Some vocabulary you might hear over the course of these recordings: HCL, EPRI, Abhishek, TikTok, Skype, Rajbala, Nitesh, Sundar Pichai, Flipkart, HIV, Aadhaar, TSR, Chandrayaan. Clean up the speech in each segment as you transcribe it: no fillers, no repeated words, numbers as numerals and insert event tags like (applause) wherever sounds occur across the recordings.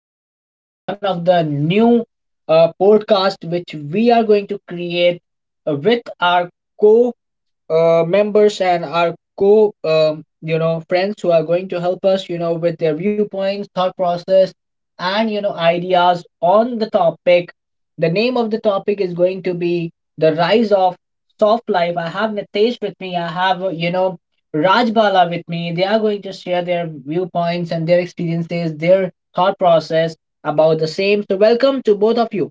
back again with one of the new podcast which we are going to create with our co members and our co you know friends who are going to help us you know with their viewpoints, thought process, and you know ideas on the topic. The name of the topic is going to be the rise of soft life. I have Nitesh with me, I have you know Rajbala with me. They are going to share their viewpoints and their experiences, their thought process about the same. So welcome to both of you.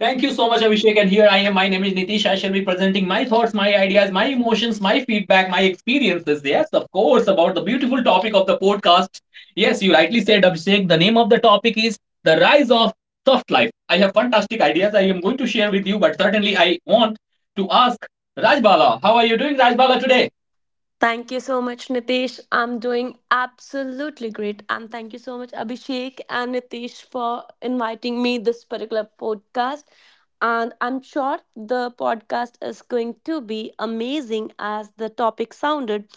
Thank you so much, Abhishek. And here I am. My name is Nitish. I shall be presenting my thoughts, my ideas, my emotions, my feedback, my experiences. Yes, of course, about the beautiful topic of the podcast. Yes, you rightly said, Abhishek. The name of the topic is The Rise of Soft Life. I have fantastic ideas I am going to share with you, but certainly I want to ask Rajbala. How are you doing, Rajbala, today? Thank you so much, Nitesh. I'm doing absolutely great. And thank you so much, Abhishek and Nitesh, for inviting me this particular podcast. And I'm sure the podcast is going to be amazing as the topic sounded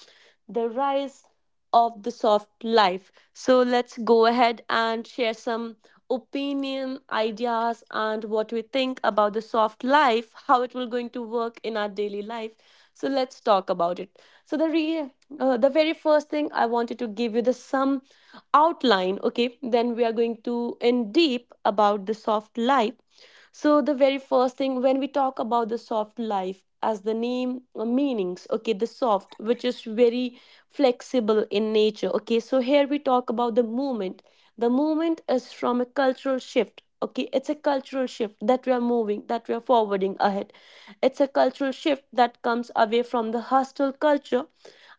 the rise of the soft life. So let's go ahead and share some opinion, ideas, and what we think about the soft life, how it will going to work in our daily life. So let's talk about it. So the re- the very first thing I wanted to give you the some outline. Okay, then we are going to in deep about the soft life. So, the very first thing when we talk about the soft life, as the name meanings, okay, the soft, which is very flexible in nature, okay. So, here we talk about the movement. The movement is from a cultural shift, okay. It's a cultural shift that we are moving, that we are forwarding ahead. It's a cultural shift that comes away from the hostile culture.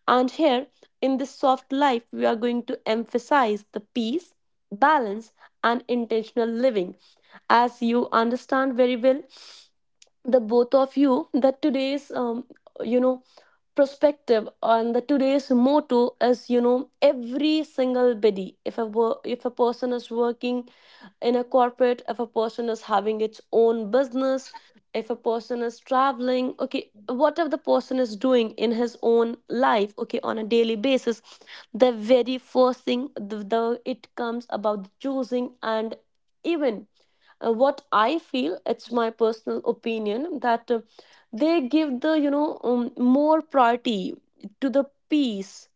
And here in this soft life, we are going to emphasize the peace, balance, and intentional living as you understand very well the both of you that today's you know perspective on the today's motto is every single body, if a person is working in a corporate, if a person is having its own business, if a person is traveling, okay, whatever the person is doing in his own life, okay, on a daily basis, the very first thing, the it comes about choosing and even what I feel, it's my personal opinion that they give the more priority to the peace,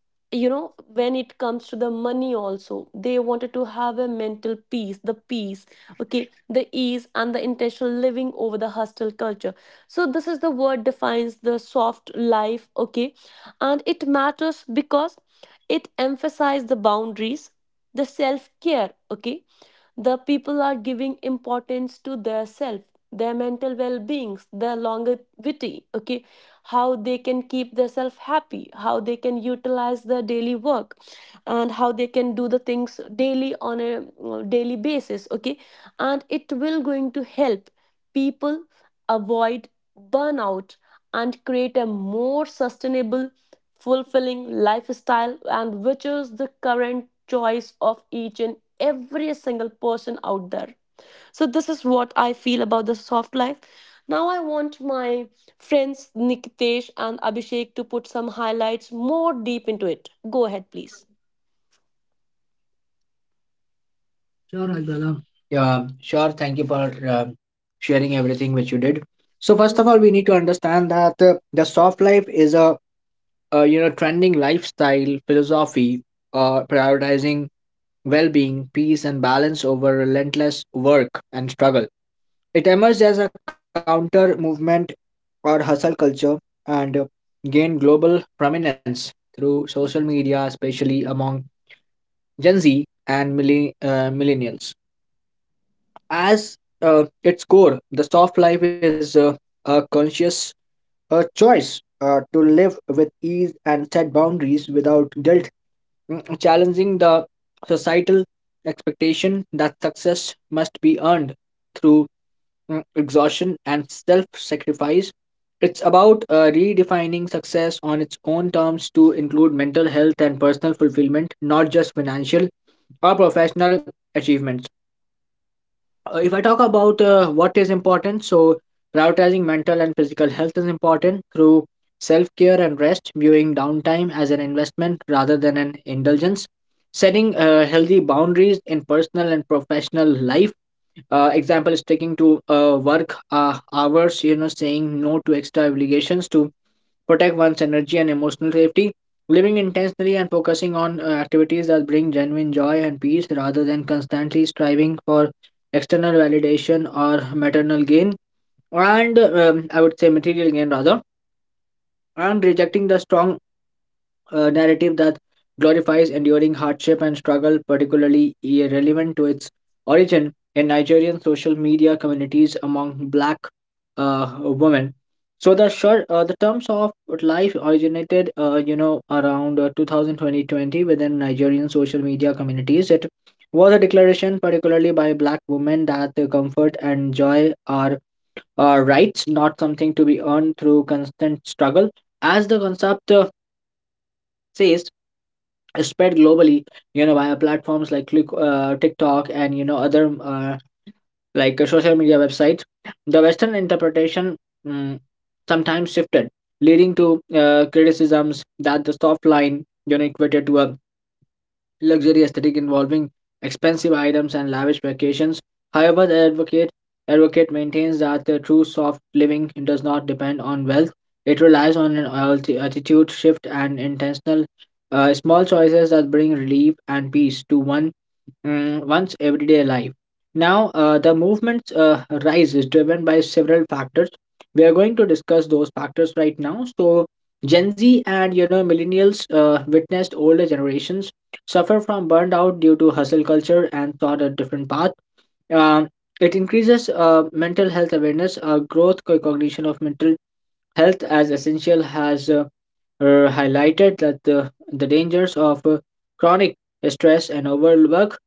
you know when it comes to the money also, they wanted to have a mental peace, the peace, okay, the ease and the intentional living over the hostile culture. So this is the word defines the soft life, okay, and it matters because it emphasizes the boundaries, the self care, okay, the people are giving importance to their self, their mental well-beings, their longevity, okay, how they can keep themselves happy, how they can utilize their daily work, and how they can do the things daily on a daily basis, okay, and it will going to help people avoid burnout and create a more sustainable, fulfilling lifestyle, and which is the current choice of each and every single person out there. So this is what I feel about the soft life. Now I want my friends Nikitesh and Abhishek to put some highlights more deep into it. Go ahead, please. Sure, Rajbala. Yeah, sure. Thank you for uh, sharing everything which you did. So first of all, we need to understand that the soft life is a you know trending lifestyle philosophy, prioritizing well-being, peace, and balance over relentless work and struggle. It emerged as a counter movement or hustle culture, and gained global prominence through social media, especially among Gen Z and millennials. As its core, the soft life is a conscious a choice to live with ease and set boundaries without guilt, challenging the societal expectation that success must be earned through exhaustion and self sacrifice. It's about redefining success on its own terms to include mental health and personal fulfillment, not just financial or professional achievements. If I talk about what is important, so prioritizing mental and physical health is important through self care and rest, viewing downtime as an investment rather than an indulgence, setting healthy boundaries in personal and professional life. Example is taking to work hours, you know, saying no to extra obligations to protect one's energy and emotional safety. Living intensely and focusing on activities that bring genuine joy and peace rather than constantly striving for external validation or maternal gain, and I would say material gain rather, and rejecting the strong a narrative that glorifies enduring hardship and struggle, particularly relevant to its origin in Nigerian social media communities among black women. So the short, the terms of life originated, you know, around 2020 within Nigerian social media communities. It was a declaration, particularly by black women, that the comfort and joy are rights, not something to be earned through constant struggle. As the concept says, spread globally you know via platforms like TikTok and you know other like social media websites, the western interpretation mm, sometimes shifted, leading to criticisms that the soft line you know equated to a luxury aesthetic involving expensive items and lavish vacations. However, the advocate maintains that the true soft living does not depend on wealth. It relies on an attitude shift and intentional small choices that bring relief and peace to one one's everyday life. Now, the movement's rise is driven by several factors. We are going to discuss those factors right now. So, Gen Z and you know millennials witnessed older generations suffer from burnout due to hustle culture and sought a different path. Um, it increases mental health awareness, growth, cognition of mental health as essential has highlighted that the dangers of chronic stress and overwork.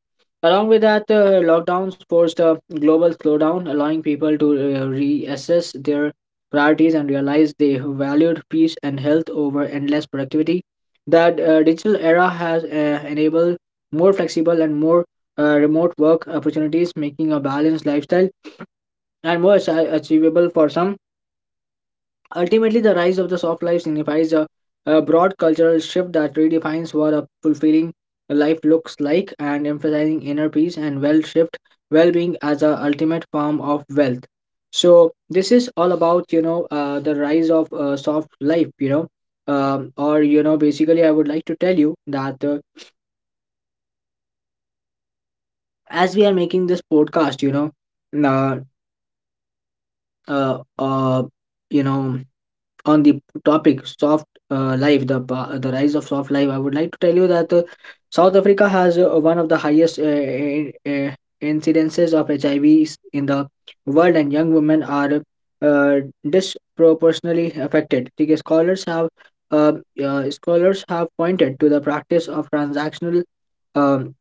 Along with that, lockdowns forced a global slowdown, allowing people to reassess their priorities and realize they valued peace and health over endless productivity. That digital era has enabled more flexible and more remote work opportunities, making a balanced lifestyle and more achievable for some. Ultimately, the rise of the soft life signifies a broad cultural shift that redefines what a fulfilling life looks like, and emphasizing inner peace and well-being as a ultimate form of wealth. So this is all about you know the rise of soft life you know or you know. Basically, I would like to tell you that as we are making this podcast, uh, uh, you know, on the topic soft life, the the rise of soft life, I would like to tell you that South Africa has one of the highest uh, incidences of HIV in the world, and young women are uh, disproportionately affected. Okay, scholars have uh, scholars have pointed to the practice of transactional um,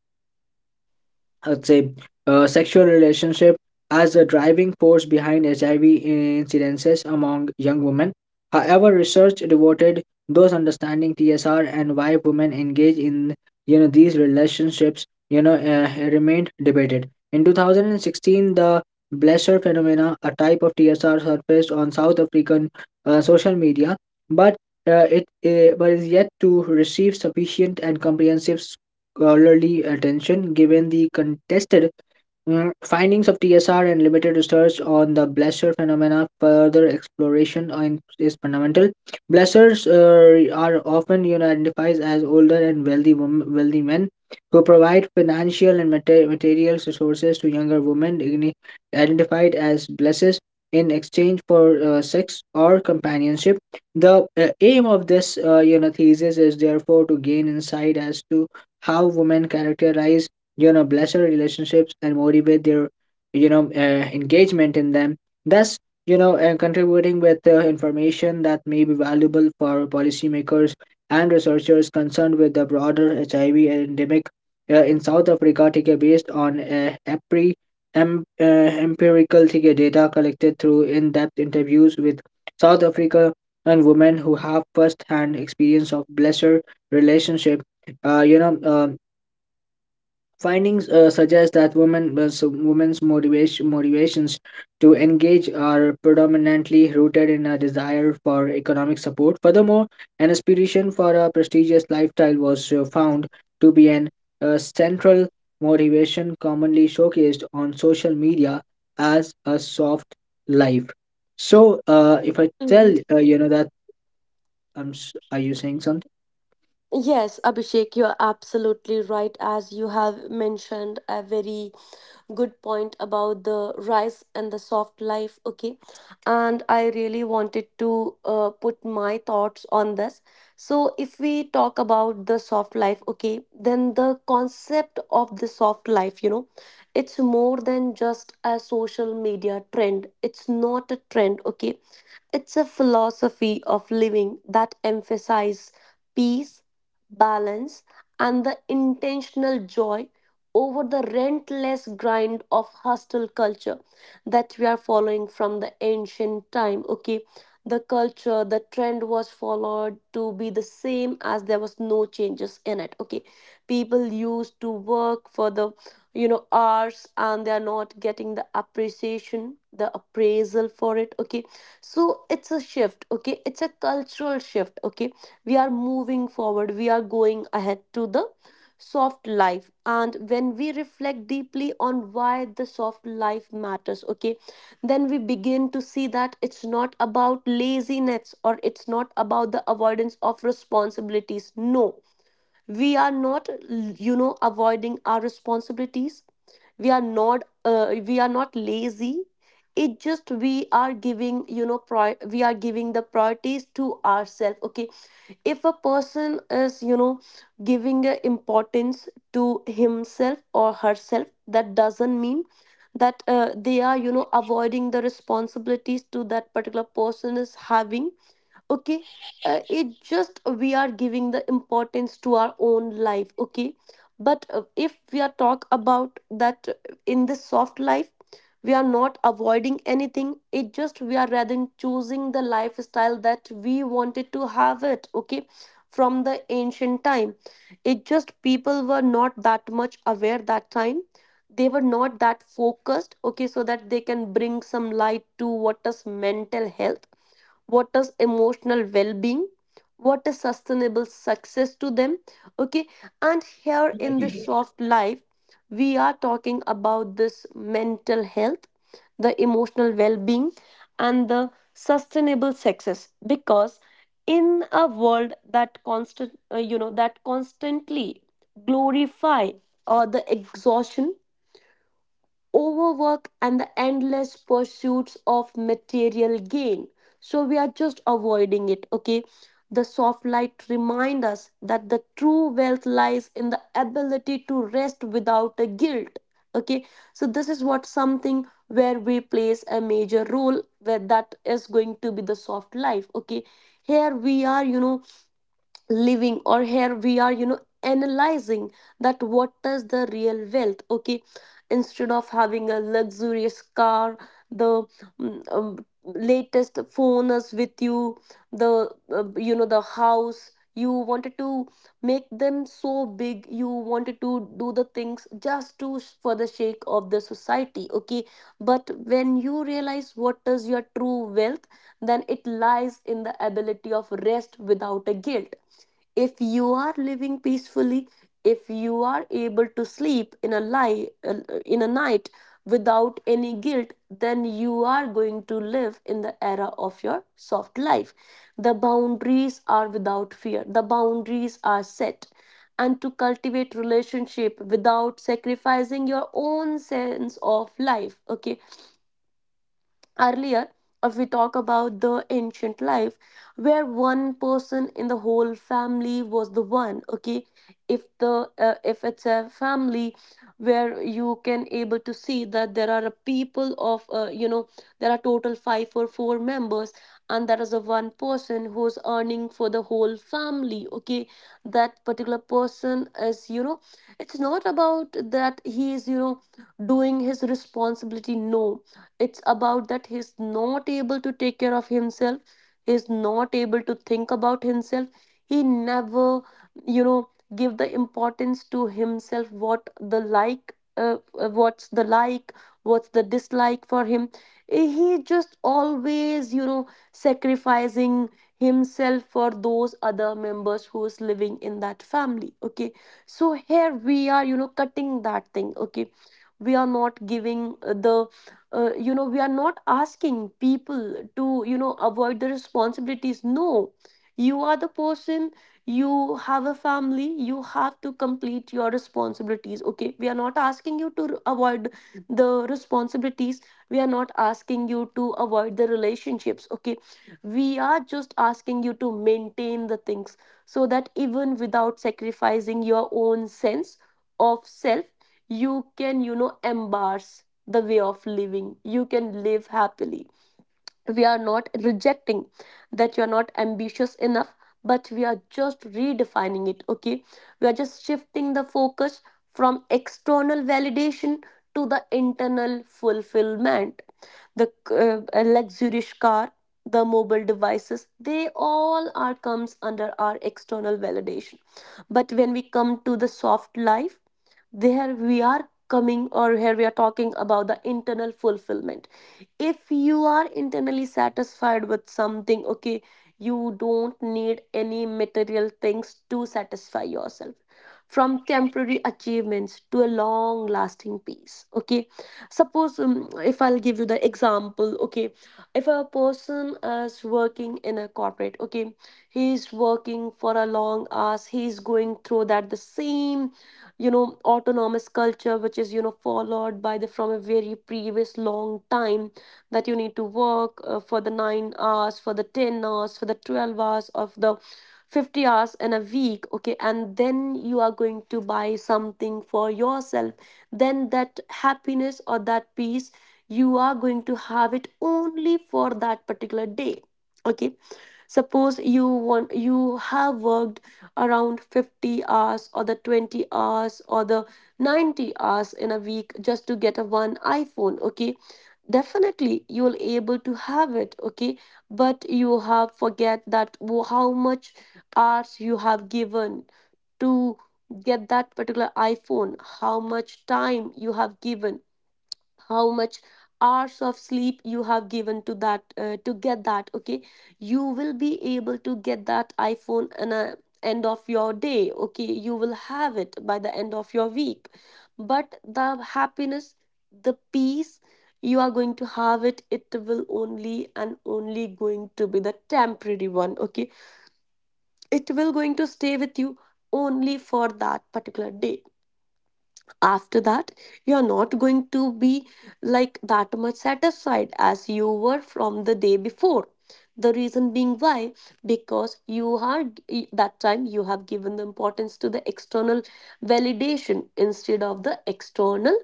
I'd say sexual relationship as a driving force behind HIV incidences among young women. However, research devoted those understanding TSR and why women engage in you know these relationships you know remained debated. In 2016, the Blesser phenomena, a type of TSR, surfaced on South African social media, but it but is yet to receive sufficient and comprehensive scholarly attention, given the contested findings of TSR and limited research on the blaster phenomena. Further exploration on is fundamental. Blasters are often you know identified as older and wealthy women, wealthy men who provide financial and material resources to younger women, identified as blesses in exchange for sex or companionship. The aim of this you know thesis is therefore to gain insight as to how women characterize you know blessed relationships and motivate their you know engagement in them, thus you know contributing with information that may be valuable for policymakers and researchers concerned with the broader HIV endemic in South Africa, take a based on EPRI, em- uh, empirical take a data collected through in-depth interviews with South Africa and women who have first-hand experience of blesser relationships, uh, you know um findings suggest that women women's motivations to engage are predominantly rooted in a desire for economic support. Furthermore, an aspiration for a prestigious lifestyle was found to be an central motivation commonly showcased on social media as a soft life. So if I Mm-hmm. tell you know that are you saying something? Yes, Abhishek, you're absolutely right. As you have mentioned, a very good point about the rice and the soft life. Okay. And I really wanted to put my thoughts on this. So, if we talk about the soft life, okay, then the concept of the soft life, you know, it's more than just a social media trend. It's not a trend, okay, it's a philosophy of living that emphasizes peace, balance, and the intentional joy over the relentless grind of hostile culture that we are following from the ancient time. Okay, the culture, the trend was followed to be the same as there was no changes in it. Okay, people used to work for the hours and they are not getting the appreciation, the appraisal for it. Okay, so it's a shift, okay, it's a cultural shift, okay, we are moving forward, we are going ahead to the soft life, and when we reflect deeply on why the soft life matters, okay, then we begin to see that it's not about laziness or it's not about the avoidance of responsibilities. No, we are not, you know, avoiding our responsibilities. We are not we are not lazy it just we are giving you know prior, we are giving the priorities to ourselves. Okay, if a person is, you know, giving a importance to himself or herself, that doesn't mean that they are, you know, avoiding the responsibilities to that particular person is having. Okay, it just, we are giving the importance to our own life. Okay, but if we are talk about that, in this soft life, we are not avoiding anything, it just we are rather than choosing the lifestyle that we wanted to have it. Okay, from the ancient time, it just people were not that much aware that time, they were not that focused, okay, so that they can bring some light to what is mental health, what is emotional well-being, what is sustainable success to them. Okay, and here in this soft life we are talking about this mental health, the emotional well-being, and the sustainable success, because in a world that constant that constantly glorify or the exhaustion, overwork, and the endless pursuits of material gain. So we are just avoiding it, okay? The soft light remind us that the true wealth lies in the ability to rest without a guilt. Okay, so this is what something where we plays a major role where that is going to be the soft life. Okay, here we are, you know, living, or here we are, you know, analyzing that what is the real wealth, okay, instead of having a luxurious car, the latest phone is with you, the, you know, the house you wanted to make them so big, you wanted to do the things just to for the sake of the society. Okay, but when you realize what is your true wealth, then it lies in the ability of rest without a guilt. If you are living peacefully, if you are able to sleep in a lie in a night without any guilt, then you are going to live in the era of your soft life. The boundaries are without fear, the boundaries are set, and to cultivate relationship without sacrificing your own sense of life. Okay, earlier, if we talk about the ancient life where one person in the whole family was the one, okay, if it's a family where you can able to see that there are a people of, there are total five or four members, and there is a one person who's earning for the whole family. Okay, that particular person is, you know, it's not about that he is, you know, doing his responsibility. No, it's about that he's not able to take care of himself. He's not able to think about himself. He never, you know, give the importance to himself. What's the like, what's the dislike for him. He just always, you know, sacrificing himself for those other members who's living in that family. Okay, so here we are, you know, cutting that thing. Okay, we are not giving the, you know, we are not asking people to, you know, avoid the responsibilities. No, you are the person, you have a family, you have to complete your responsibilities. Okay, we are not asking you to avoid the responsibilities, we are not asking you to avoid the relationships. Okay, we are just asking you to maintain the things so that even without sacrificing your own sense of self you can, you know, embrace the way of living. You can live happily. We are not rejecting that you are not ambitious enough, but we are just redefining it, okay? We are just shifting the focus from external validation to the internal fulfillment. The a luxurious car, the mobile devices, they all are comes under our external validation. But when we come to the soft life, there we are coming, or here we are talking about the internal fulfillment. If you are internally satisfied with something, okay, you don't need any material things to satisfy yourself. From temporary achievements to a long lasting peace. Okay, suppose, if I'll give you the example. Okay, if a person is working in a corporate, okay, he's working for a long hours. He's going through that the same, you know, autonomous culture, which is, you know, followed by the from a very previous long time, that you need to work for the 9 hours, for the 10 hours, for the 12 hours, of the 50 hours in a week. Okay, and then you are going to buy something for yourself, then that happiness or that peace, you are going to have it only for that particular day. Okay. Suppose you want, you have worked around 50 hours or the 20 hours or the 90 hours in a week just to get a one iPhone. Okay, definitely you will able to have it. Okay, but you have forget that how much hours you have given to get that particular iPhone. How much time you have given? How much hours of sleep you have given to that, to get that? Okay, you will be able to get that iPhone, and a end of your day, okay, you will have it by the end of your week. But the happiness, the peace you are going to have it, it will only and only going to be the temporary one. Okay, it will going to stay with you only for that particular day. After that, you're not going to be like that much satisfied as you were from the day before. The reason being why? Because you are that time you have given the importance to the external validation, instead of the external,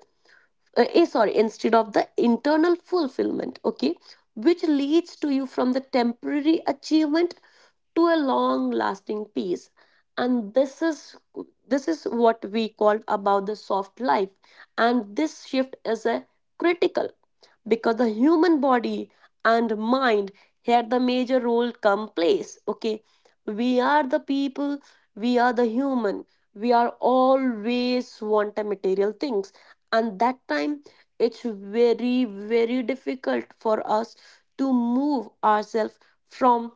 sorry, instead of the internal fulfillment. Okay, which leads to you from the temporary achievement to a long lasting peace. And this is, this is what we called about the soft life. And this shift is a critical, because the human body and mind, here the major role come place. Okay, we are the people, we are the human, we are always want the material things. And that time it's very, very difficult for us to move ourselves from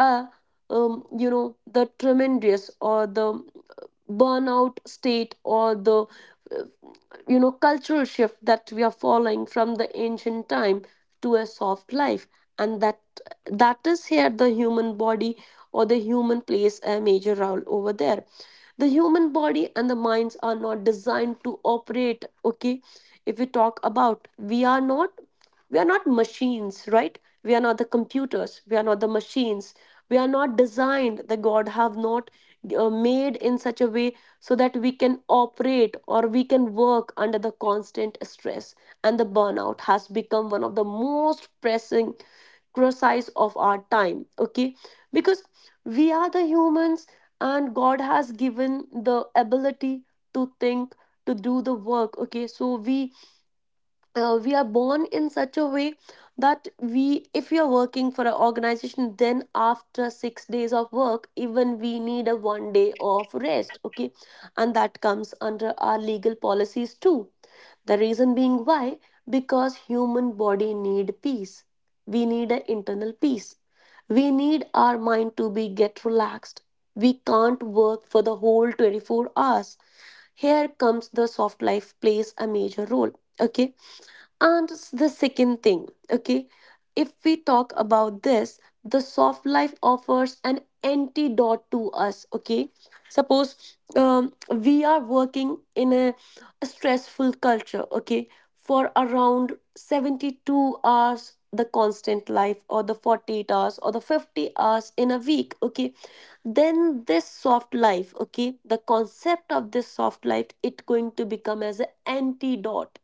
a, you know, the tremendous or the burnout state, or the, you know, cultural shift that we are following from the ancient time to a soft life. And that, that is here the human body or the human plays a major role over there. The human body and the minds are not designed to operate. Okay, if we talk about, we are not, we are not machines, right? We are not the computers, we are not the machines, we are not designed. The god have not made in such a way so that we can operate or we can work under the constant stress. And the burnout has become one of the most pressing exercise of our time. Okay, because we are the humans, and god has given the ability to think, to do the work. Okay, so we are born in such a way that we, if we are working for an organization, then after 6 days of work even we need a 1 day of rest. Okay, and that comes under our legal policies too. The reason being why? Because human body need peace. We need an internal peace, we need our mind to be get relaxed. We can't work for the whole 24 hours. Here comes the soft life plays a major role. Okay. And the second thing, okay, if we talk about this, the soft life offers an antidote to us. Okay. Suppose we are working in a stressful culture, okay, for around 72 hours, the constant life, or the 48 hours, or the 50 hours in a week. Okay. Then this soft life, okay, the concept of this soft life, it going to become as an antidote.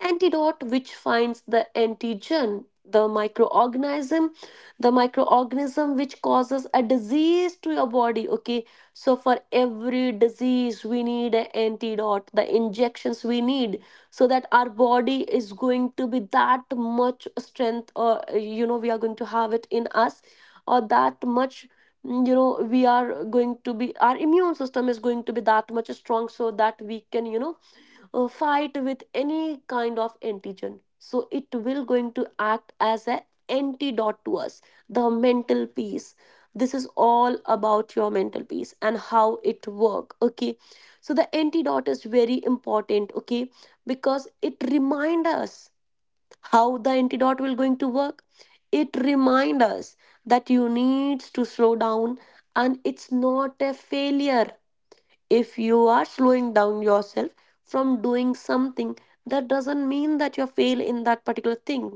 Antidote which finds the antigen, the microorganism, the microorganism which causes a disease to your body. Okay, so for every disease we need an antidote, the injections we need, so that our body is going to be that much strength, or, you know, we are going to have it in us, or that much, you know, we are going to be, our immune system is going to be that much strong, so that we can, you know, fight with any kind of antigen. So it will going to act as an antidote to us, the mental peace. This is all about your mental peace and how it work. Okay, so the antidote is very important. Okay, because it remind us how the antidote will going to work. It remind us that you need to slow down, and it's not a failure. If you are slowing down yourself from doing something, that doesn't mean that you fail in that particular thing.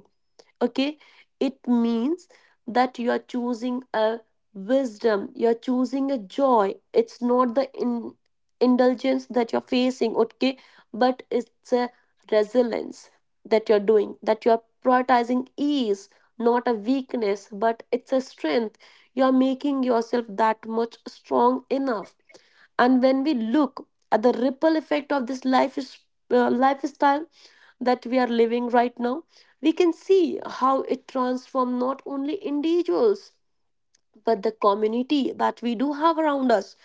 Okay? It means that you are choosing a wisdom, you're choosing a joy. It's not the indulgence that you're facing, okay? But it's a resilience that you're doing, that you're prioritizing ease, not a weakness, but it's a strength. You're making yourself that much strong enough. And when we look at the ripple effect of this lifestyle that we are living right now, we can see how it transforms not only individuals but the community that we do have around us.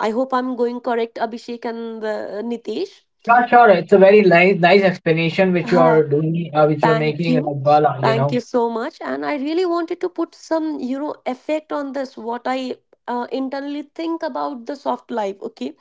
I hope I'm going correct, Abhishek and Nitesh. Sure, sure. It's a very nice explanation which you uh, are doing, which you're Thank making, in you, The Bala, you thank you know. so much. And I really wanted to put some, you know, effect on this what I internally think about the soft life. Okay,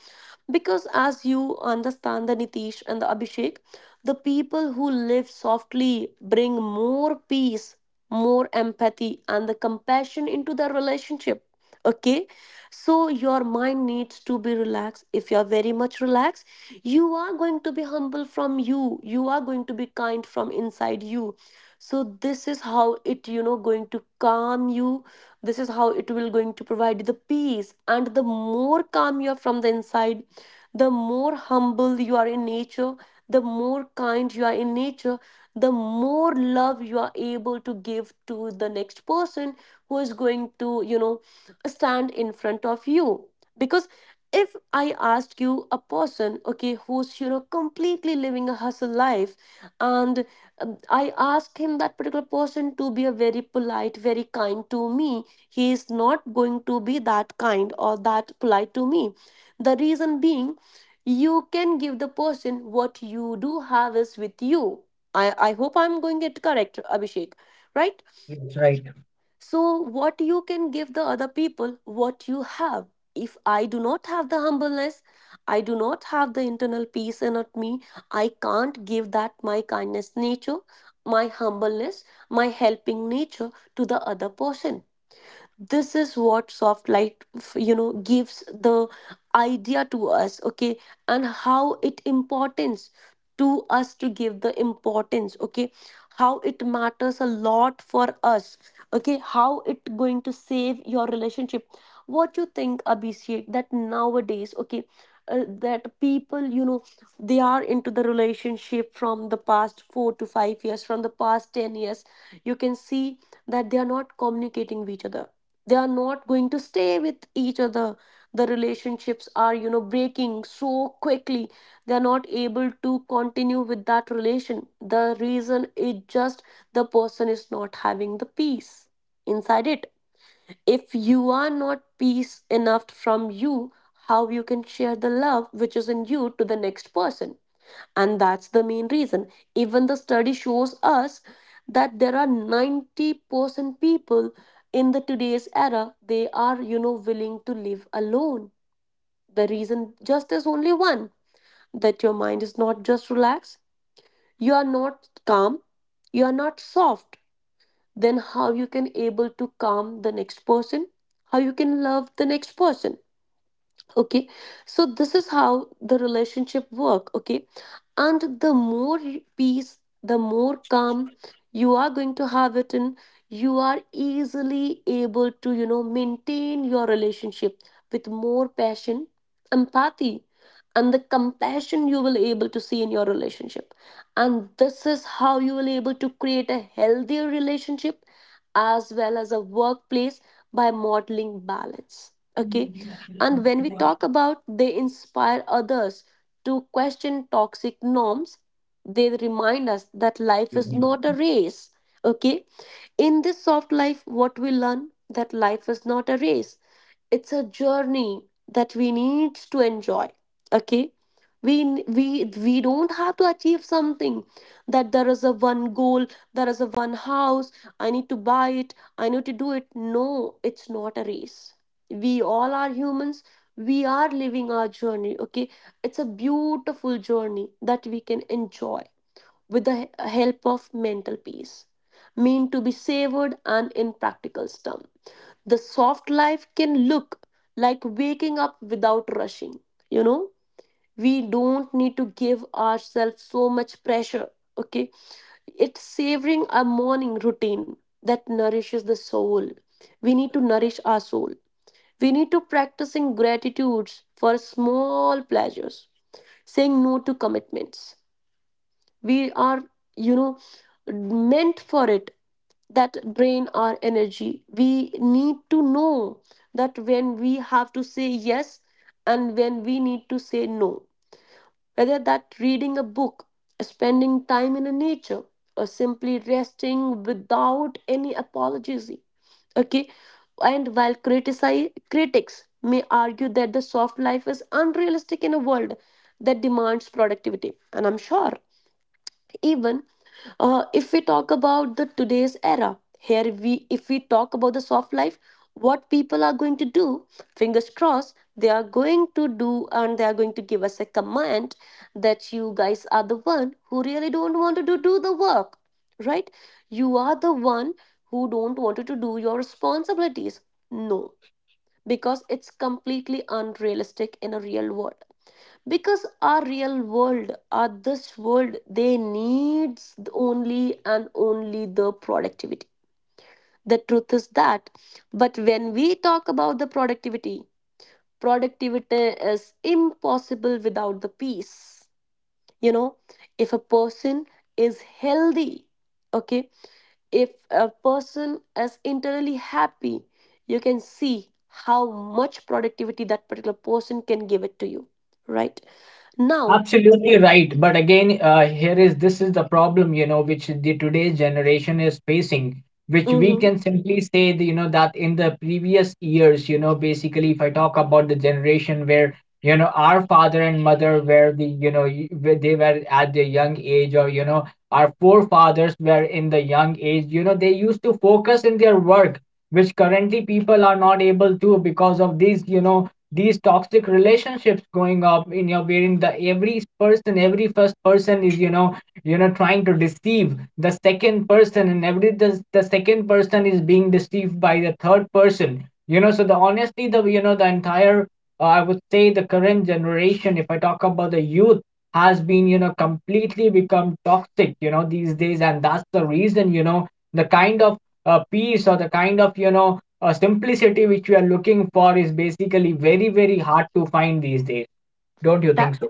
because as you understand the Nitish and the Abhishek, the people who live softly bring more peace, more empathy, and the compassion into their relationship. Okay, so your mind needs to be relaxed. If you are very much relaxed, you are going to be humble from you, you are going to be kind from inside you. So, this is how it, you know, going to calm you, this is how it will going to provide you the peace. And the more calm you are from the inside, the more humble you are in nature, the more kind you are in nature, the more love you are able to give to the next person who is going to, you know, stand in front of you. Because if I ask you a person, okay, who's, you know, completely living a hustle life, and I ask him that particular person to be a very polite, very kind to me, he is not going to be that kind or that polite to me. The reason being, you can give the person what you do have is with you. I hope I'm going it correct, Abhishek, right? That's right. So, what you can give the other people, what you have. If I do not have the humbleness, I do not have the internal peace in at me, I can't give that my kindness nature, my humbleness, my helping nature to the other person. This is what soft light gives the idea to us. Okay, and how it importance to us to give the importance. Okay, how it matters a lot for us. Okay, how it going to save your relationship. What you think, Abhishek, that nowadays, okay, that people, you know, they are into the relationship from the past 4 to 5 years, from the past 10 years. You can see that they are not communicating with each other, they are not going to stay with each other. The relationships are, you know, breaking so quickly, they are not able to continue with that relation. The reason is just, the person is not having the peace inside it. If you are not peace enough from you, how you can share the love which is in you to the next person? And that's the main reason. Even the study shows us that there are 90% people in the today's era, they are, you know, willing to live alone. The reason just is only one, that your mind is not just relaxed, you are not calm, you are not soft. Then how you can able to calm the next person, how you can love the next person? Okay, so this is how the relationship work. Okay, and the more peace, the more calm you are going to have it in, you are easily able to, you know, maintain your relationship with more passion, empathy, and the compassion you will able to see in your relationship. And this is how you will able to create a healthier relationship as well as a workplace by modeling balance. Okay. And when we talk about, they inspire others to question toxic norms, they remind us that life is not a race. Okay, in this soft life, what we learn, that life is not a race, it's a journey that we need to enjoy. Okay, we we we don't have to achieve something, that there is a one goal, there is a one house, I need to buy it, I need to do it. No, it's not a race. We all are humans, we are living our journey. Okay, it's a beautiful journey that we can enjoy with the help of mental peace, mean to be savored. And in practical terms, the soft life can look like waking up without rushing. You know, we don't need to give ourselves so much pressure. Okay, it's savoring a morning routine that nourishes the soul. We need to nourish our soul. We need to practicing gratitudes for small pleasures, saying no to commitments. We are, you know, meant for it that drain our energy. We need to know that when we have to say yes and when we need to say no. Whether that reading a book, spending time in a nature, or simply resting without any apologies. Okay. And while critics may argue that the soft life is unrealistic in a world that demands productivity. And I'm sure even if we talk about the today's era here we if we talk about the soft life, what people are going to do, fingers crossed, they are going to do, and they are going to give us a command that you guys are the one who really don't want to do the work, right? You are the one who don't want to do your responsibilities. No, because it's completely unrealistic in a real world, because our real world, our this world, they needs only and only the productivity. The truth is that, but when we talk about the productivity, is impossible without the peace, you know. If a person is healthy, okay, if a person is internally happy, you can see how much productivity that particular person can give it to you, right? Now Absolutely right. But again, here is this is the problem, you know, which the today's generation is facing, which we mhm, can simply say, the, you know, that in the previous years, you know. Basically, if I talk about the generation where, you know, our father and mother were the, you know, where they were at the young age, or, you know, our forefathers were in the young age, you know, they used to focus in their work, which currently people are not able to because of these, you know, these toxic relationships going up in your, wherein the every person, every first person is you know, you know trying to deceive the second person, and every the second person is being deceived by the third person, you know. So the honestly the you know the entire I would say the current generation, if I talk about the youth, has been you know completely become toxic you know these days, and that's the reason you know the kind of peace or the kind of you know simplicity which we are looking for is basically very, very hard to find these days. Don't you that think so?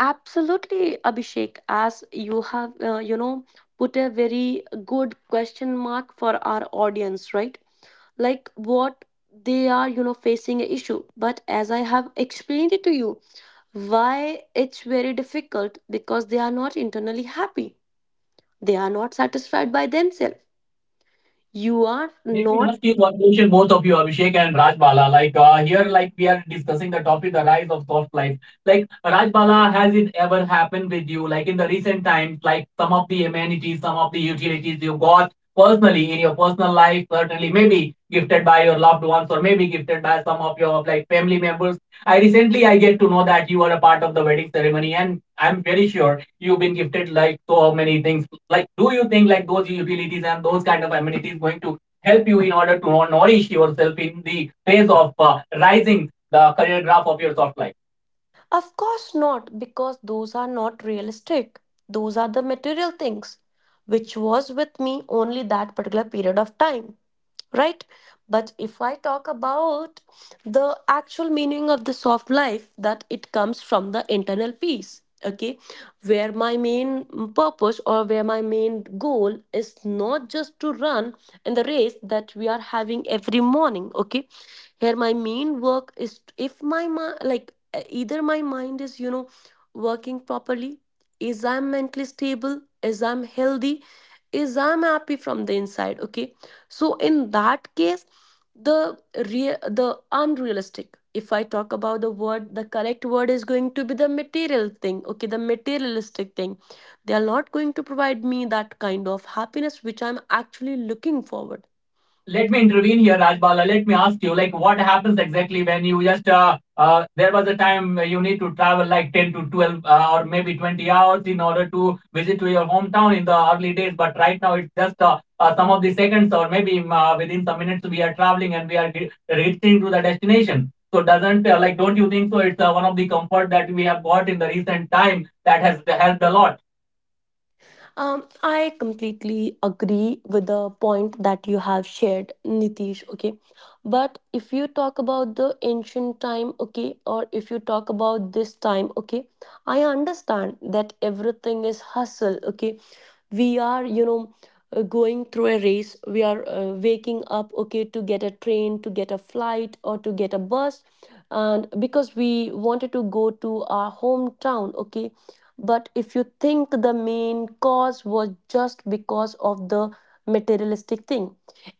absolutely, Abhishek, as you have, you know, put a very good question mark for our audience, right? Like what they are, you know, facing an issue. But as I have explained it to you, why it's very difficult because they are not internally happy. They are not satisfied by themselves. You are Let me not, ask you one question, both of you, Abhishek and Rajbala. Like here, like we are discussing the topic, the rise of soft life. Like Rajbala, has it ever happened with you? Like in the recent times, like some of the amenities, some of the utilities you got personally in your personal life, certainly maybe gifted by your loved ones or maybe gifted by some of your like family members. I recently I get to know that you are a part of the wedding ceremony, and I'm very sure you've been gifted like so many things. Like, do you think like those utilities and those kind of amenities going to help you in order to nourish yourself in the phase of rising the career graph of your soft life. of course not, because those are not realistic. Those are the material things, which was with me only that particular period of time, right? But if I talk about the actual meaning of the soft life, that it comes from the internal peace, okay? Where my main purpose or where my main goal is not just to run in the race that we are having every morning, okay? Here, my main work is if my like either my mind is, you know, working properly, is I'm mentally stable, is I'm healthy, is I'm happy from the inside, okay? So in that case, the real, the unrealistic, if I talk about the word, the correct word is going to be the material thing, okay, the materialistic thing. They are not going to provide me that kind of happiness which I'm actually looking forward. Let me intervene here, Rajbala. Let me ask you, like, what happens exactly when you just, there was a time you need to travel like 10 to 12 or maybe 20 hours in order to visit to your hometown in the early days. But right now, it's just some of the seconds, or maybe within some minutes, we are traveling and we are reaching to the destination. So doesn't like, don't you think so? It's one of the comfort that we have got in the recent time that has helped a lot. I completely agree with the point that you have shared, Nitish. Okay, but if you talk about the ancient time, okay, or if you talk about this time, okay, I understand that everything is hustle, okay, we are, you know, going through a race, we are waking up, okay, to get a train, to get a flight, or to get a bus, and because we wanted to go to our hometown, okay, but if you think the main cause was just because of the materialistic thing,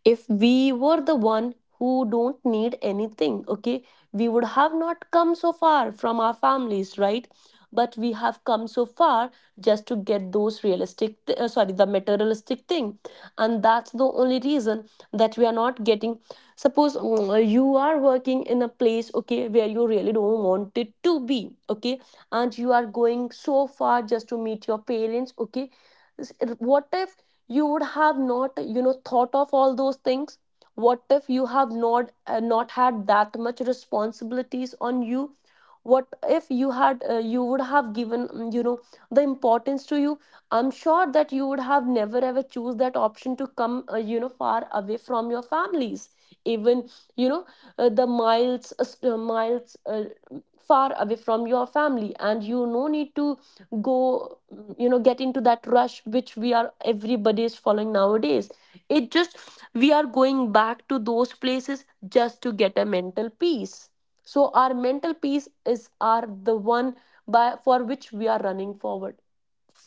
if we were the one who don't need anything, okay, we would have not come so far from our families, right? But we have come so far just to get those realistic th- sorry the materialistic thing, and that's the only reason that we are not getting. Suppose you are working in a place, okay, where you really don't want it to be, okay, and you are going so far just to meet your parents, okay. S- what if you would have not, you know, thought of all those things? What if you have not had that much responsibilities on you? What if you had you would have given you know, the importance to you? I'm sure that you would have never ever choose that option to come you know, far away from your families, even, you know, the miles far away from your family, and you no need to go, you know, get into that rush which we are everybody is following nowadays. It just, we are going back to those places just to get a mental peace. So our mental peace is, are the one by, for which we are running forward.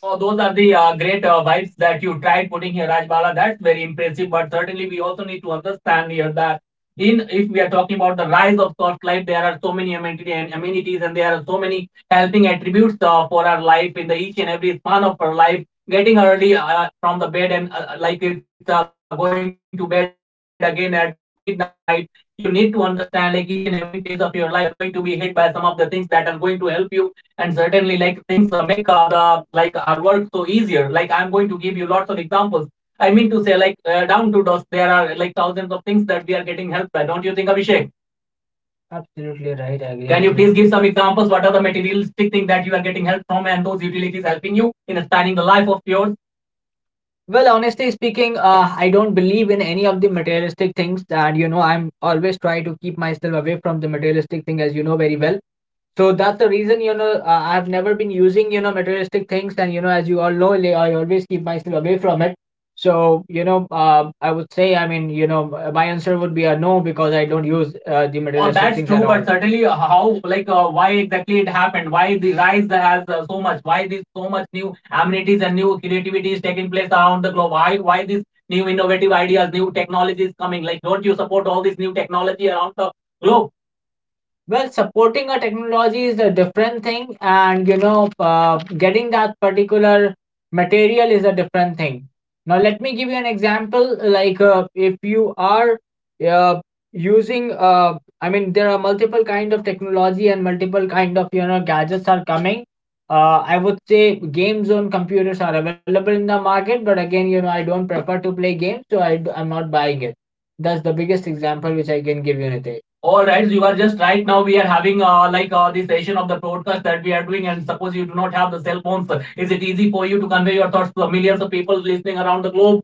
So those are the great vibes that you tried putting here, Rajbala. That's very impressive. But certainly, we also need to understand here that in if we are talking about the rise of soft life, there are so many amenities and amenities, and there are so many helping attributes for our life in the each and every span of our life. Getting early from the bed and like it's going to bed again at midnight. You need to understand, like, each and every phase of your life, you are going to be hit by some of the things that are going to help you, and certainly, like, things make the like our work so easier. Like, I'm going to give you lots of examples. I mean to say, like, down to dos, there are, like, thousands of things that we are getting help by. Don't you think, Abhishek? Absolutely right. I agree. Can you please give some examples? What are the materialistic things that you are getting help from, and those utilities helping you in spanning the life of yours? Well, honestly speaking, I don't believe in any of the materialistic things, and, you know, I'm always try to keep myself away from the materialistic thing, as you know very well. So that's the reason, you know, I've never been using, you know, materialistic things. And, you know, as you all know, like, I always keep myself away from it. So, you know, I would say, I mean, you know, my answer would be a no, because I don't use the Oh, materialistic that's things at true, all. But certainly, how, like, why exactly it happened? Why the rise has so much? Why this so much new amenities and new creativity is taking place around the globe? Why this new innovative ideas, new technologies coming? Like, don't you support all this new technology around the globe? Well, supporting a technology is a different thing, and, you know, getting that particular material is a different thing. Now, let me give you an example. Like, if you are uh, using, I mean, there are multiple kind of technology and multiple kind of, you know, gadgets are coming. I would say game zone computers are available in the market, but again, you know, I don't prefer to play games, so I'm not buying it. That's the biggest example which I can give you, Nitesh. All right, so you are just right now. We are having the session of the podcast that we are doing, and suppose you do not have the cell phones, is it easy for you to convey your thoughts to the millions of people listening around the globe?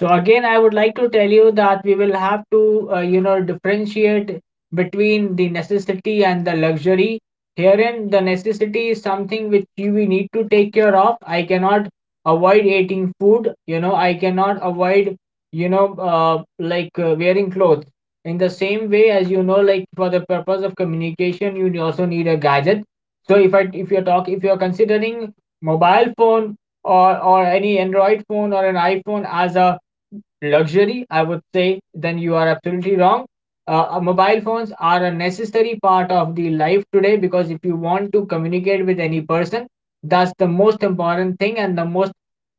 So again, I would like to tell you that we will have to, you know, differentiate between the necessity and the luxury. Herein, the necessity is something which you we need to take care of. I cannot avoid eating food. You know, I cannot avoid, you know, wearing clothes. In the same way, as you know, like, for the purpose of communication, you also need a gadget. So if I if you're talk if you're considering mobile phone, or any Android phone or an iPhone as a luxury, I would say, then you are absolutely wrong. Mobile phones are a necessary part of the life today, because if you want to communicate with any person, that's the most important thing, and the most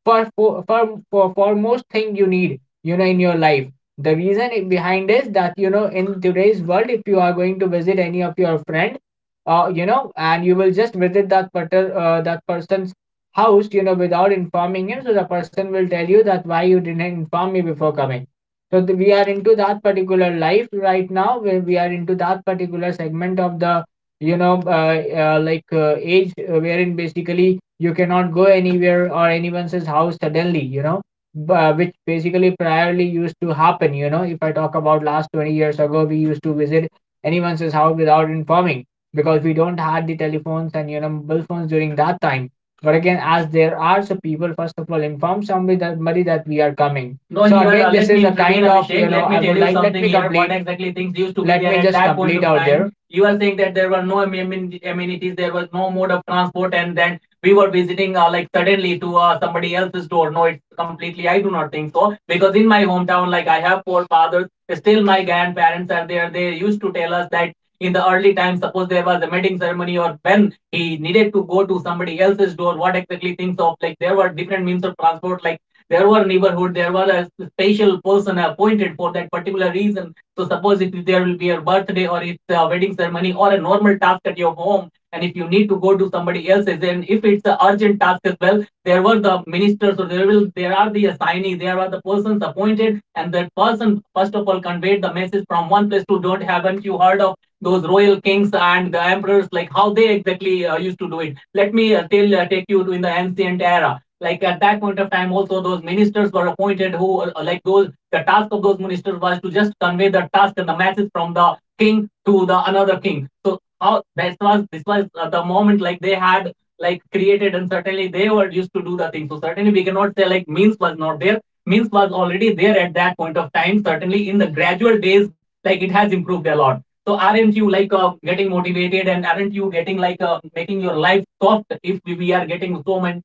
foremost thing you need, you know, in your life. The reason behind is that, you know, in today's world, if you are going to visit any of your friend, you know, and you will just visit that particular that person housed, you know, without informing him. So the person will tell you that why you didn't inform me before coming. So we are into that particular life right now, where we are into that particular segment of the, you know, age, wherein basically you cannot go anywhere or anyone's house suddenly, you know, which basically priorly used to happen. You know, if I talk about last 20 years ago, we used to visit anyone's house without informing, because we don't had the telephones and, you know, mobile phones during that time. But again, as there are so people, first of all, inform somebody that we are coming. No, so again, this is me a kind of, you know, I would like let me here. What complete exactly things used to be there? Let me just complete out there. You are saying that there were no amenities, there was no mode of transport, and then we were visiting like suddenly to somebody else's door. No, it's completely. I do not think so, because in my hometown, like, I have four fathers, still my grandparents are there. They used to tell us that in the early times, suppose there was a wedding ceremony, or when he needed to go to somebody else's door, what exactly things of, like, there were different means of transport, like, there were neighborhood, there were a special person appointed for that particular reason. So suppose if there will be a birthday, or it's a wedding ceremony, or a normal task at your home, and if you need to go to somebody else's, and if it's an urgent task as well, there were the ministers, or there are the assignees, there are the persons appointed, and that person first of all conveyed the message from one place to, don't, haven't you heard of those royal kings and the emperors, like how they exactly used to do it? Let me take you to in the ancient era. Like, at that point of time, also, those ministers were appointed who, like, those, the task of those ministers was to just convey the task and the message from the king to the another king. So how this was the moment, like, they had like created, and certainly they were used to do the thing. So certainly we cannot say, like, means was not there. Means was already there at that point of time. Certainly in the gradual days, like, it has improved a lot. So aren't you, like, getting motivated, and aren't you getting, like, making your life soft, if we are getting so much,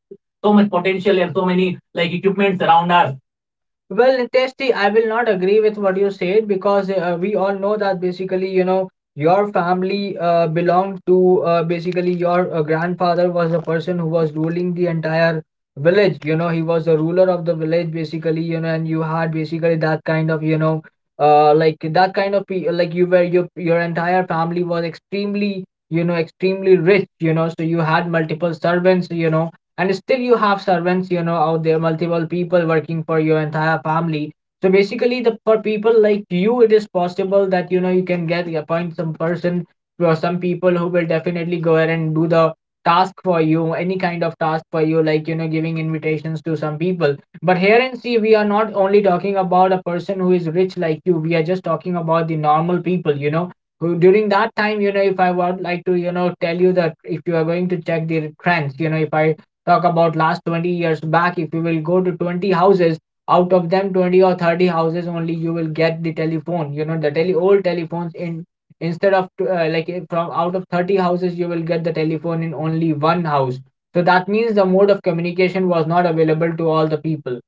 so much potential and so many, like, equipments around us? Well, Niteshti, I will not agree with what you said, because we all know that, basically, you know, your family belonged to, basically your grandfather was the person who was ruling the entire village. You know, he was the ruler of the village, basically, you know, and you had basically that kind of, you know, that kind of you were your entire family was extremely, you know, extremely rich. You know, so you had multiple servants. You know, and still you have servants, you know, out there, multiple people working for your entire family. So basically, the for people like you, it is possible that, you know, you can get appoint some person or some people who will definitely go ahead and do the task for you, any kind of task for you, like, you know, giving invitations to some people. But here and see, we are not only talking about a person who is rich like you, we are just talking about the normal people, you know, who during that time, you know, if I would like to, you know, tell you that if you are going to check the trends, you know, if I talk about last 20 years back, if you will go to 20 houses, out of them 20 or 30 houses only, you will get the telephone, you know, the tele old telephones, in instead of from out of 30 houses you will get the telephone in only one house. So that means the mode of communication was not available to all the people,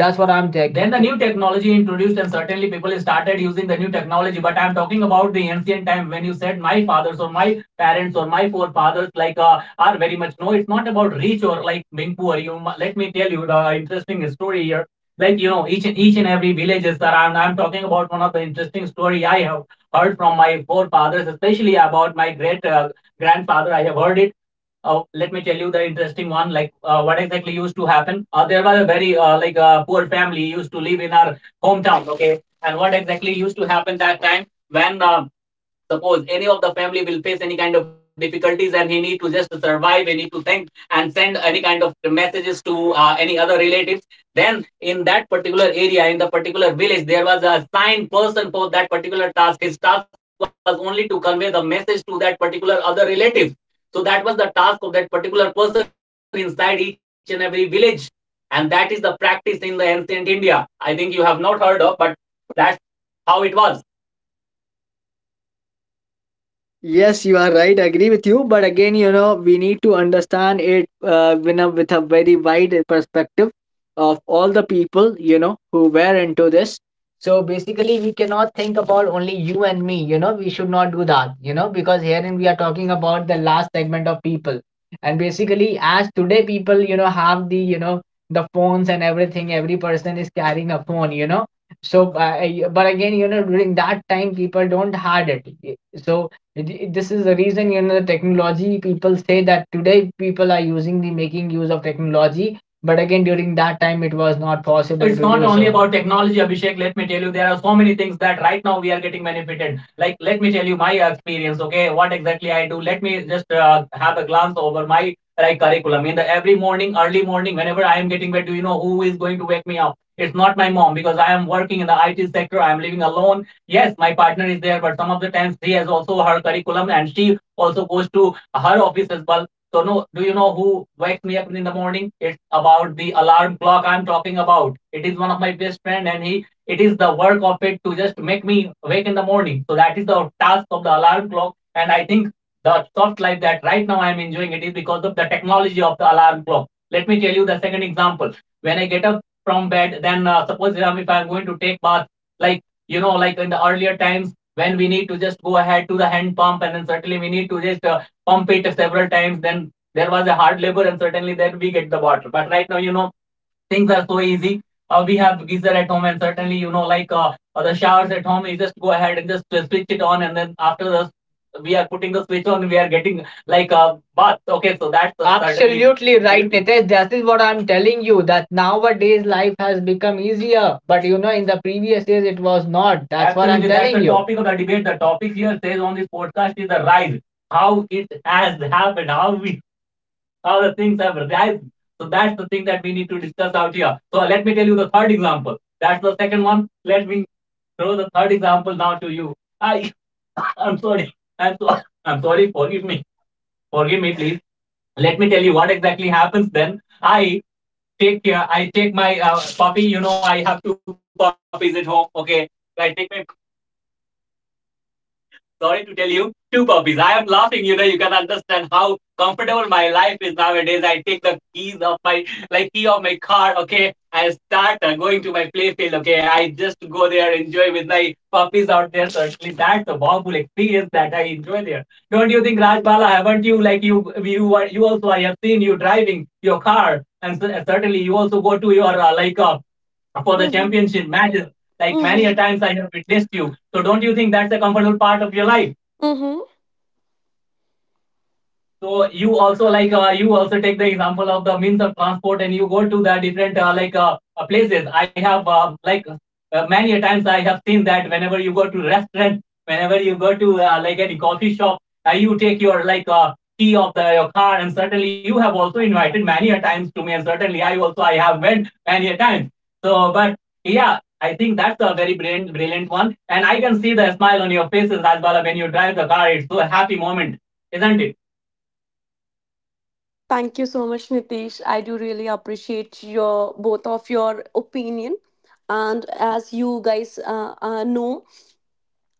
that's what I'm taking. Then the new technology introduced, and certainly people started using the new technology. But I'm talking about the ancient time when you said my fathers or my parents or my forefathers, like a are very much. No, it's not about rich or like being poor. You Let me tell you the interesting story here. Each and every villages around. I'm talking about one of the interesting story I have heard from my forefathers, especially about my great grandfather. I have heard it. Let me tell you the interesting one. What exactly used to happen? There was a very poor family used to live in our hometown, okay? And what exactly used to happen that time when suppose any of the family will face any kind of difficulties and he need to just survive, he need to think and send any kind of messages to any other relatives. Then in that particular area, in the particular village, there was a assigned person for that particular task. His task was only to convey the message to that particular other relative. So that was the task of that particular person inside each and every village. And that is the practice in the ancient India. I think you have not heard of, but that's how it was. Yes, you are right. Agree with you. But again, you know, we need to understand it with, with a very wide perspective of all the people, you know, who were into this. So basically, we cannot think about only you and me, you know, we should not do that, you know, because herein we are talking about the last segment of people. And basically, as today people, you know, have the, you know, the phones and everything, every person is carrying a phone, you know. So, but again, you know, during that time, people don't had it. So this is the reason, you know, the technology, people say that today people are using the making use of technology, but again during that time it was not possible it's to not do only. So about technology, Abhishek, let me tell you there are so many things that right now we are getting benefited. Like, let me tell you my experience, okay? What exactly I do? Let me just have a glance over my like curriculum in the every morning, early morning, whenever I am getting bed. Do you know who is going to wake me up? It's not my mom, because I am working in the IT sector. I am living alone. Yes, my partner is there, but some of the times she has also her curriculum and she also goes to her office as well. So no, do you know who wakes me up in the morning? It's about the alarm clock I'm talking about. It is one of my best friend, and he it is the work of it to just make me wake in the morning. So that is the task of the alarm clock. And I think the soft life that right now I'm enjoying, it is because of the technology of the alarm clock. Let me tell you the second example. When I get up from bed, then suppose if I'm going to take bath, like, you know, like in the earlier times when we need to just go ahead to the hand pump and then certainly we need to just pump it several times, then there was a hard labor and certainly then we get the water. But right now, you know, things are so easy. We have geyser at home, and certainly you know like the showers at home. You just go ahead and just switch it on, and then after the we are putting the switch on we are getting like but okay, so that's a absolutely certain, right, Nitesh? That is what I'm telling you. That nowadays life has become easier, but you know, in the previous days it was not. That's absolutely what I'm. Absolutely, that's telling the you. The topic of the debate. The topic here says on this podcast is the rise, how it has happened, how we, how the things have risen. So that's the thing that we need to discuss out here. So let me tell you the third example. That's the second one. Let me throw the third example now to you. I, (laughs) I'm sorry. I'm sorry. I'm sorry. Forgive me. Forgive me, please. Let me tell you what exactly happens. Then I take care. I take my puppy. You know, I have two puppies at home, okay? I take my, sorry to tell you, two puppies. I am laughing, you know, you can understand how comfortable my life is nowadays. I take the keys of my, like, key of my car, okay? I start going to my playfield, okay? I just go there, enjoy with my puppies out there. Certainly, that's a wonderful experience that I enjoy there. Don't you think, Rajbala, haven't you, like, are, you also, I have seen you driving your car, and certainly you also go to your, for the Mm-hmm. championship matches. Like many a Mm-hmm. times I have witnessed you. So don't you think that's a comfortable part of your life? Mm-hmm. So you also like you also take the example of the means of transport and you go to the different places. I have many a times I have seen that whenever you go to restaurant, whenever you go to like any coffee shop, you take your like key of the your car, and certainly you have also invited many a times to me, and certainly I have went many a times. So but yeah. I think that's a very brilliant, brilliant one, and I can see the smile on your faces as well when you drive the car. It's so a happy moment, isn't it? Thank you so much, Nitish. I do really appreciate your both of your opinion. And as you guys know,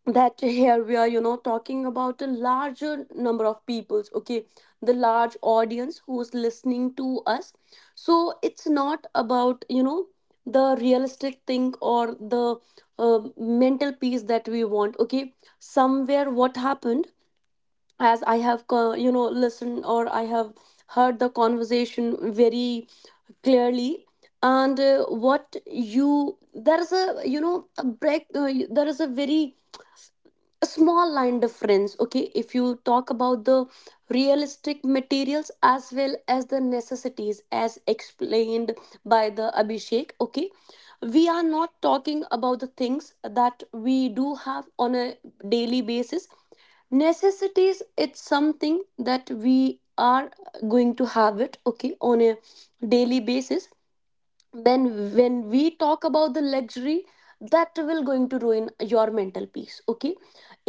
that here we are, you know, talking about a larger number of peoples. Okay, the large audience who's listening to us. So it's not about, you know, the realistic thing or the mental peace that we want. Okay, somewhere what happened, as I have you know, listened, or I have heard the conversation very clearly. And what you, there is a, you know, a break, there is a very a small line difference, okay? If you talk about the realistic materials as well as the necessities, as explained by the Abhishek, okay, we are not talking about the things that we do have on a daily basis. Necessities, it's something that we are going to have it, okay, on a daily basis. Then when we talk about the luxury, that will going to ruin your mental peace, okay?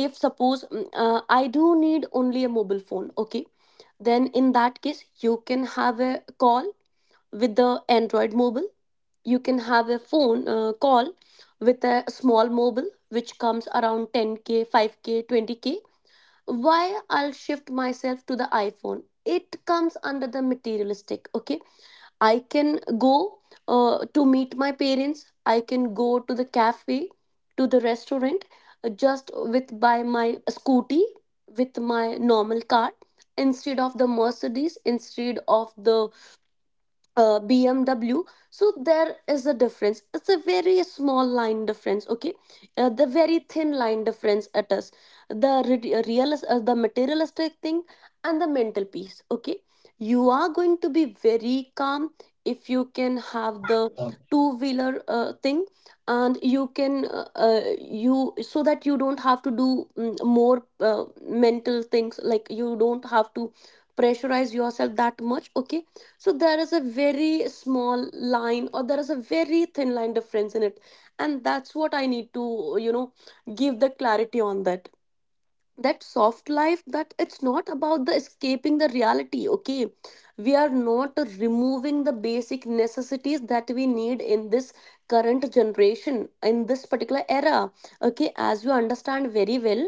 If suppose I do need only a mobile phone, okay, then in that case you can have a call with the Android mobile, you can have a phone call with a small mobile which comes around 10K, 5K, 20K. Why I'll shift myself to the iPhone? It comes under the materialistic, okay? I can go to meet my parents, I can go to the cafe, to the restaurant, just with by my scooty, with my normal car, instead of the Mercedes, instead of the BMW. So there is a difference. It's a very small line difference. Okay, the very thin line difference at us. The real, the materialistic thing and the mental peace. Okay, you are going to be very calm if you can have the two wheeler thing, and you can you, so that you don't have to do, more mental things, like you don't have to pressurize yourself that much, okay? So there is a very small line, or there is a very thin line difference in it, and that's what I need to, you know, give the clarity on that, that soft life, that it's not about the escaping the reality, okay? We are not removing the basic necessities that we need in this current generation, in this particular era, okay? As you understand very well,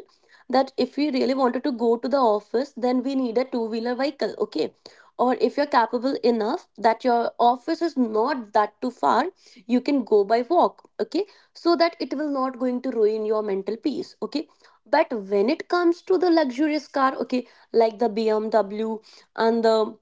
that if we really wanted to go to the office, then we need a two wheeler vehicle, okay, or if you're capable enough that your office is not that too far, you can go by walk, okay, so that it will not going to ruin your mental peace, okay? But when it comes to the luxurious car, okay, like the BMW and the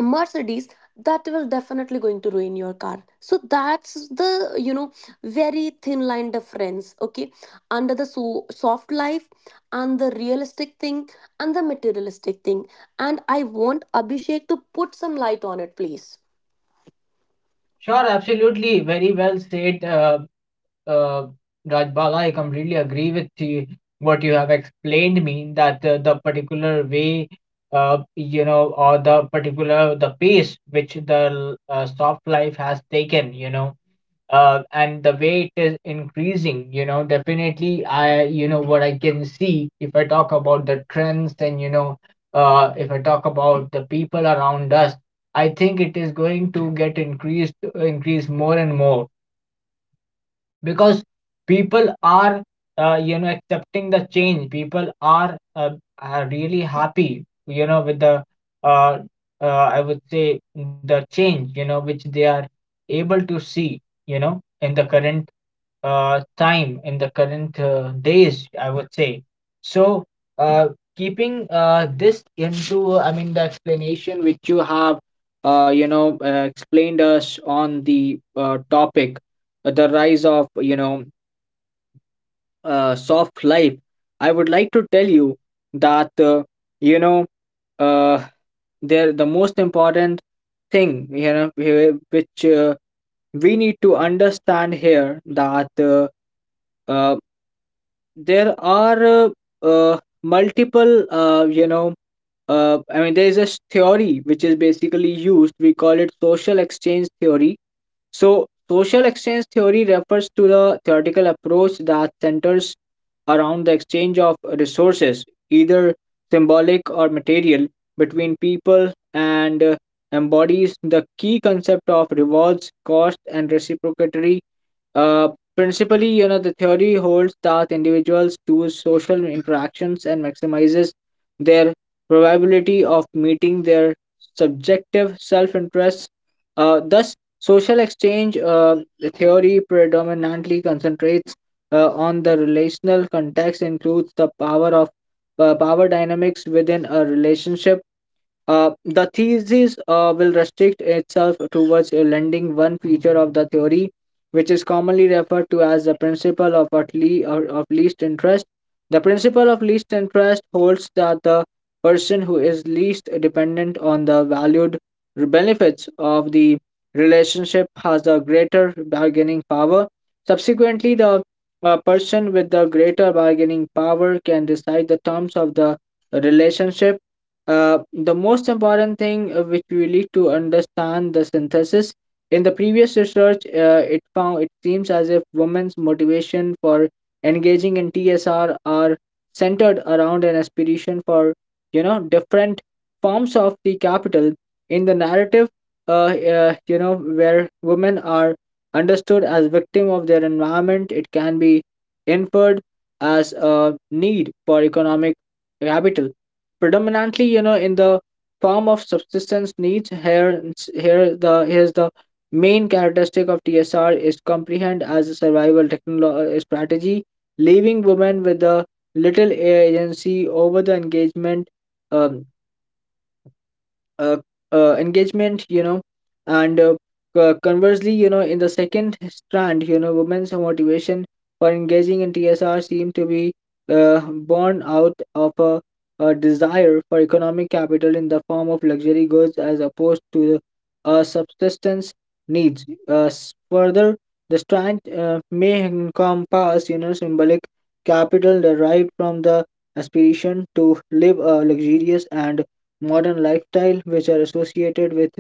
Mercedes, that will definitely going to ruin your car. So that's the, you know, very thin line difference, okay, under the so soft life and the realistic thing and the materialistic thing. And I want Abhishek to put some light on it, please. Sure, absolutely. Very well said, uh, Rajbala. I completely agree with you, what you have explained me, that the particular way, you know, or the particular the pace which the soft life has taken, you know, and the way it is increasing, you know. Definitely, I, you know, what I can see, if I talk about the trends, and you know if I talk about the people around us, I think it is going to get increase more and more, because people are you know accepting the change. People are really happy, you know, with the uh, I would say the change, you know, which they are able to see, you know, in the current time, in the current days, I would say. So uh, keeping this into, I mean, the explanation which you have you know explained us on the topic, the rise of, you know, soft life, I would like to tell you that you know uh, there, the most important thing, you know, which we need to understand here, that uh, there are multiple you know I mean, there is a theory which is basically used, we call it social exchange theory. So, social exchange theory refers to the theoretical approach that centers around the exchange of resources, either symbolic or material, between people, and embodies the key concept of rewards, cost, and reciprocity. Uh, Principally, you know, the theory holds that individuals choose social interactions and maximizes their probability of meeting their subjective self-interests, thus. Social exchange theory predominantly concentrates on the relational context, includes the power of power dynamics within a relationship. The thesis will restrict itself towards lending one feature of the theory, which is commonly referred to as the principle of, or of least interest. The principle of least interest holds that the person who is least dependent on the valued benefits of the relationship has a greater bargaining power. Subsequently, the person with the greater bargaining power can decide the terms of the relationship. Uh, the most important thing which we need to understand the synthesis in the previous research, it found it seems as if women's motivation for engaging in tsr are centered around an aspiration for different forms of the capital. In the narrative where women are understood as victim of their environment, it can be inferred as a need for economic capital, predominantly in the form of subsistence needs. Here's the main characteristic of tsr, is comprehend as a survival technology strategy leaving women with a little agency over the engagement. um, uh, Engagement, and conversely, in the second strand, women's motivation for engaging in tsr seem to be born out of a desire for economic capital in the form of luxury goods, as opposed to the subsistence needs. Further, the strand may encompass symbolic capital derived from the aspiration to live a luxurious and modern lifestyle which are associated with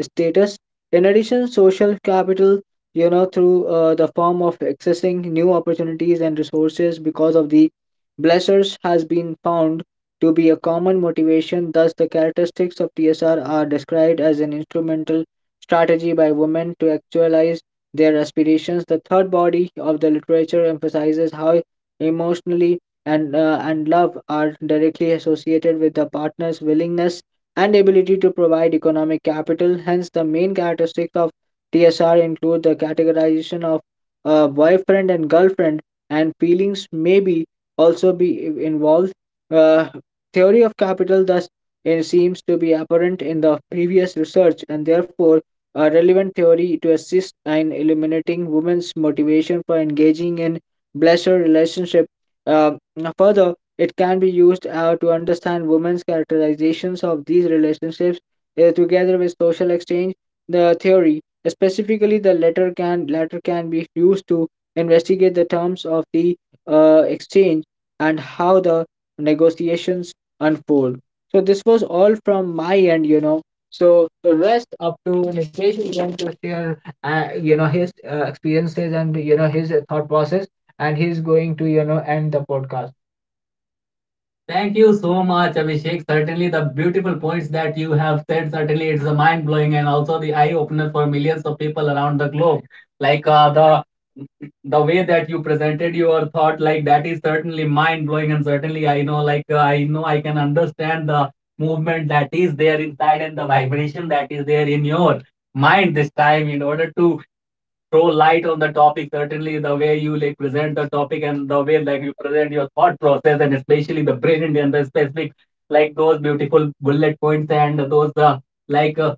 status. In addition, social capital, through the form of accessing new opportunities and resources because of the blessers, has been found to be a common motivation. Thus, the characteristics of TSR are described as an instrumental strategy by women to actualize their aspirations. The third body of the literature emphasizes how emotionally and love are directly associated with the partner's willingness and ability to provide economic capital. Hence, the main characteristics of TSR include the categorization of boyfriend and girlfriend, and feelings may be also be involved. Uh, Theory of capital thus it seems to be apparent in the previous research, and therefore a relevant theory to assist in eliminating women's motivation for engaging in blessed relationship. Uh, Now, further, it can be used to understand women's characterizations of these relationships, together with social exchange the theory. Specifically, the latter can be used to investigate the terms of the exchange and how the negotiations unfold. So this was all from my end, you know. So the rest, up to Nikesh, is going to share, his experiences and his thought process, and he's going to end the podcast. Thank you so much, Abhishek. Certainly, the beautiful points that you have said, certainly it's a mind blowing and also the eye opener for millions of people around the globe. Like the way that you presented your thought, like that is certainly mind blowing, and certainly I know, like I know, I can understand the movement that is there inside and the vibration that is there in your mind this time in order to throw light on the topic. Certainly the way you like present the topic and the way like you present your thought process, and especially the brilliant and the specific, like those beautiful bullet points and those like uh,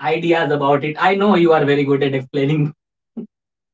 ideas about it. I know you are very good at explaining.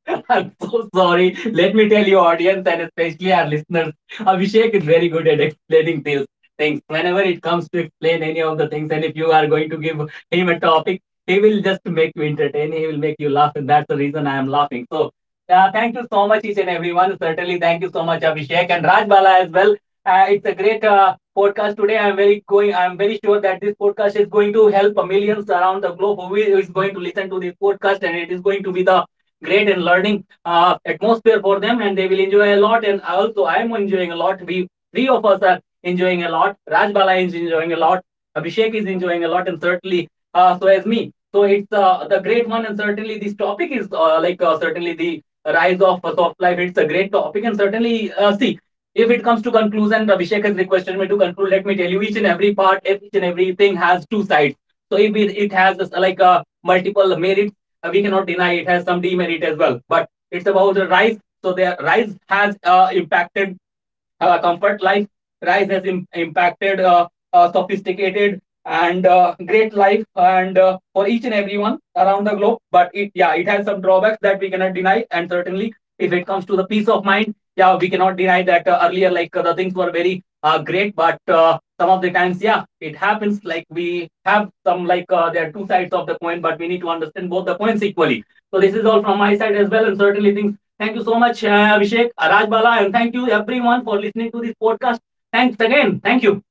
(laughs) I'm so sorry. Let me tell you, audience, and especially our listeners, Abhishek is very good at explaining these things. Whenever it comes to explain any of the things, and if you are going to give him a topic, he will just make you entertain. He will make you laugh, and that's the reason I am laughing. So, thank you so much, each and everyone. Certainly, thank you so much, Abhishek and Rajbala as well. It's a great podcast today. I'm very going. I'm very sure that this podcast is going to help millions around the globe who is going to listen to this podcast, and it is going to be the great and learning atmosphere for them, and they will enjoy a lot. And also, I'm enjoying a lot. We three of us are enjoying a lot. Rajbala is enjoying a lot. Abhishek is enjoying a lot, and certainly so as me. So it's the great one, and certainly this topic is certainly the rise of soft life. It's a great topic, and certainly see, if it comes to conclusion, Abhishek has requested me to conclude. Let me tell you, each and every part, each and everything has two sides. So if it has like a multiple merits, we cannot deny it has some demerit as well. But it's about the rise. So the rise has impacted comfort life, rise has impacted sophisticated and great life and for each and everyone around the globe, but it, yeah, it has some drawbacks that we cannot deny. And certainly, if it comes to the peace of mind, yeah, we cannot deny that earlier, like the things were very great, but some of the times, yeah, it happens like we have some, like there are two sides of the coin, but we need to understand both the coins equally. So this is all from my side as well, and certainly things. Thank you so much, Abhishek, Rajbala, and thank you everyone for listening to this podcast. Thanks again. Thank you.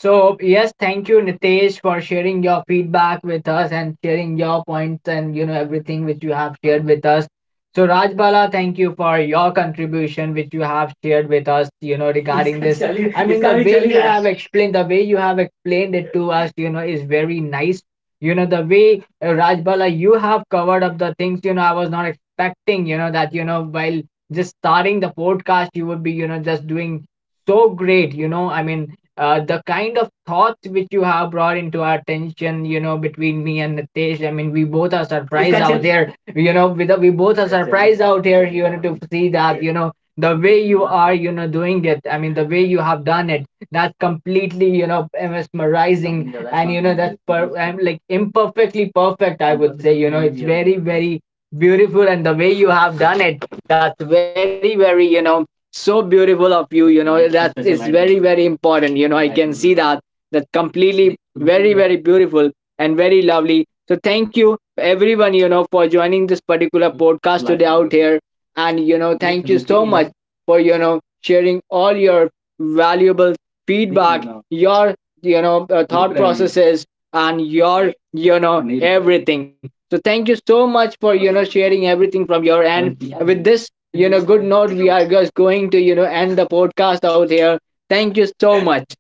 So, yes, thank you, Nitesh, for sharing your feedback with us and sharing your points and everything which you have shared with us. So, Rajbala, thank you for your contribution which you have shared with us, you know, regarding (laughs) इसका this. चलिए I mean, इसका the भी way you यार have explained, the way you have explained it to us, you know, is very nice. You know, the way Rajbala, you have covered up the things, you know, I was not expecting, you know, that, you know, while just starting the podcast, you would be, you know, just doing so great, you know, I mean the kind of thoughts which you have brought into our attention, you know, between me and Nitesh. I mean, we both are surprised out there. You know, with we both are surprised out here. You know, to see that you know the way you are, you know, doing it. I mean, the way you have done it. That's completely, you know, mesmerizing, and you know that's I'm like imperfectly perfect, I would say, you know. It's very very beautiful, and the way you have done it, that's very very, you know, so beautiful of you, you know. That (laughs) is very very important, you know. I can see that, that completely very very beautiful and very lovely. So thank you everyone, you know, for joining this particular podcast today out here, and you know, thank you so much for you know sharing all your valuable feedback, your, you know, thought processes, and your, you know, everything. So thank you so much for you know sharing everything from your end. With this, you know, good note, we are just going to, you know, end the podcast out here. Thank you so much.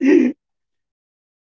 (laughs) मान ही नहीं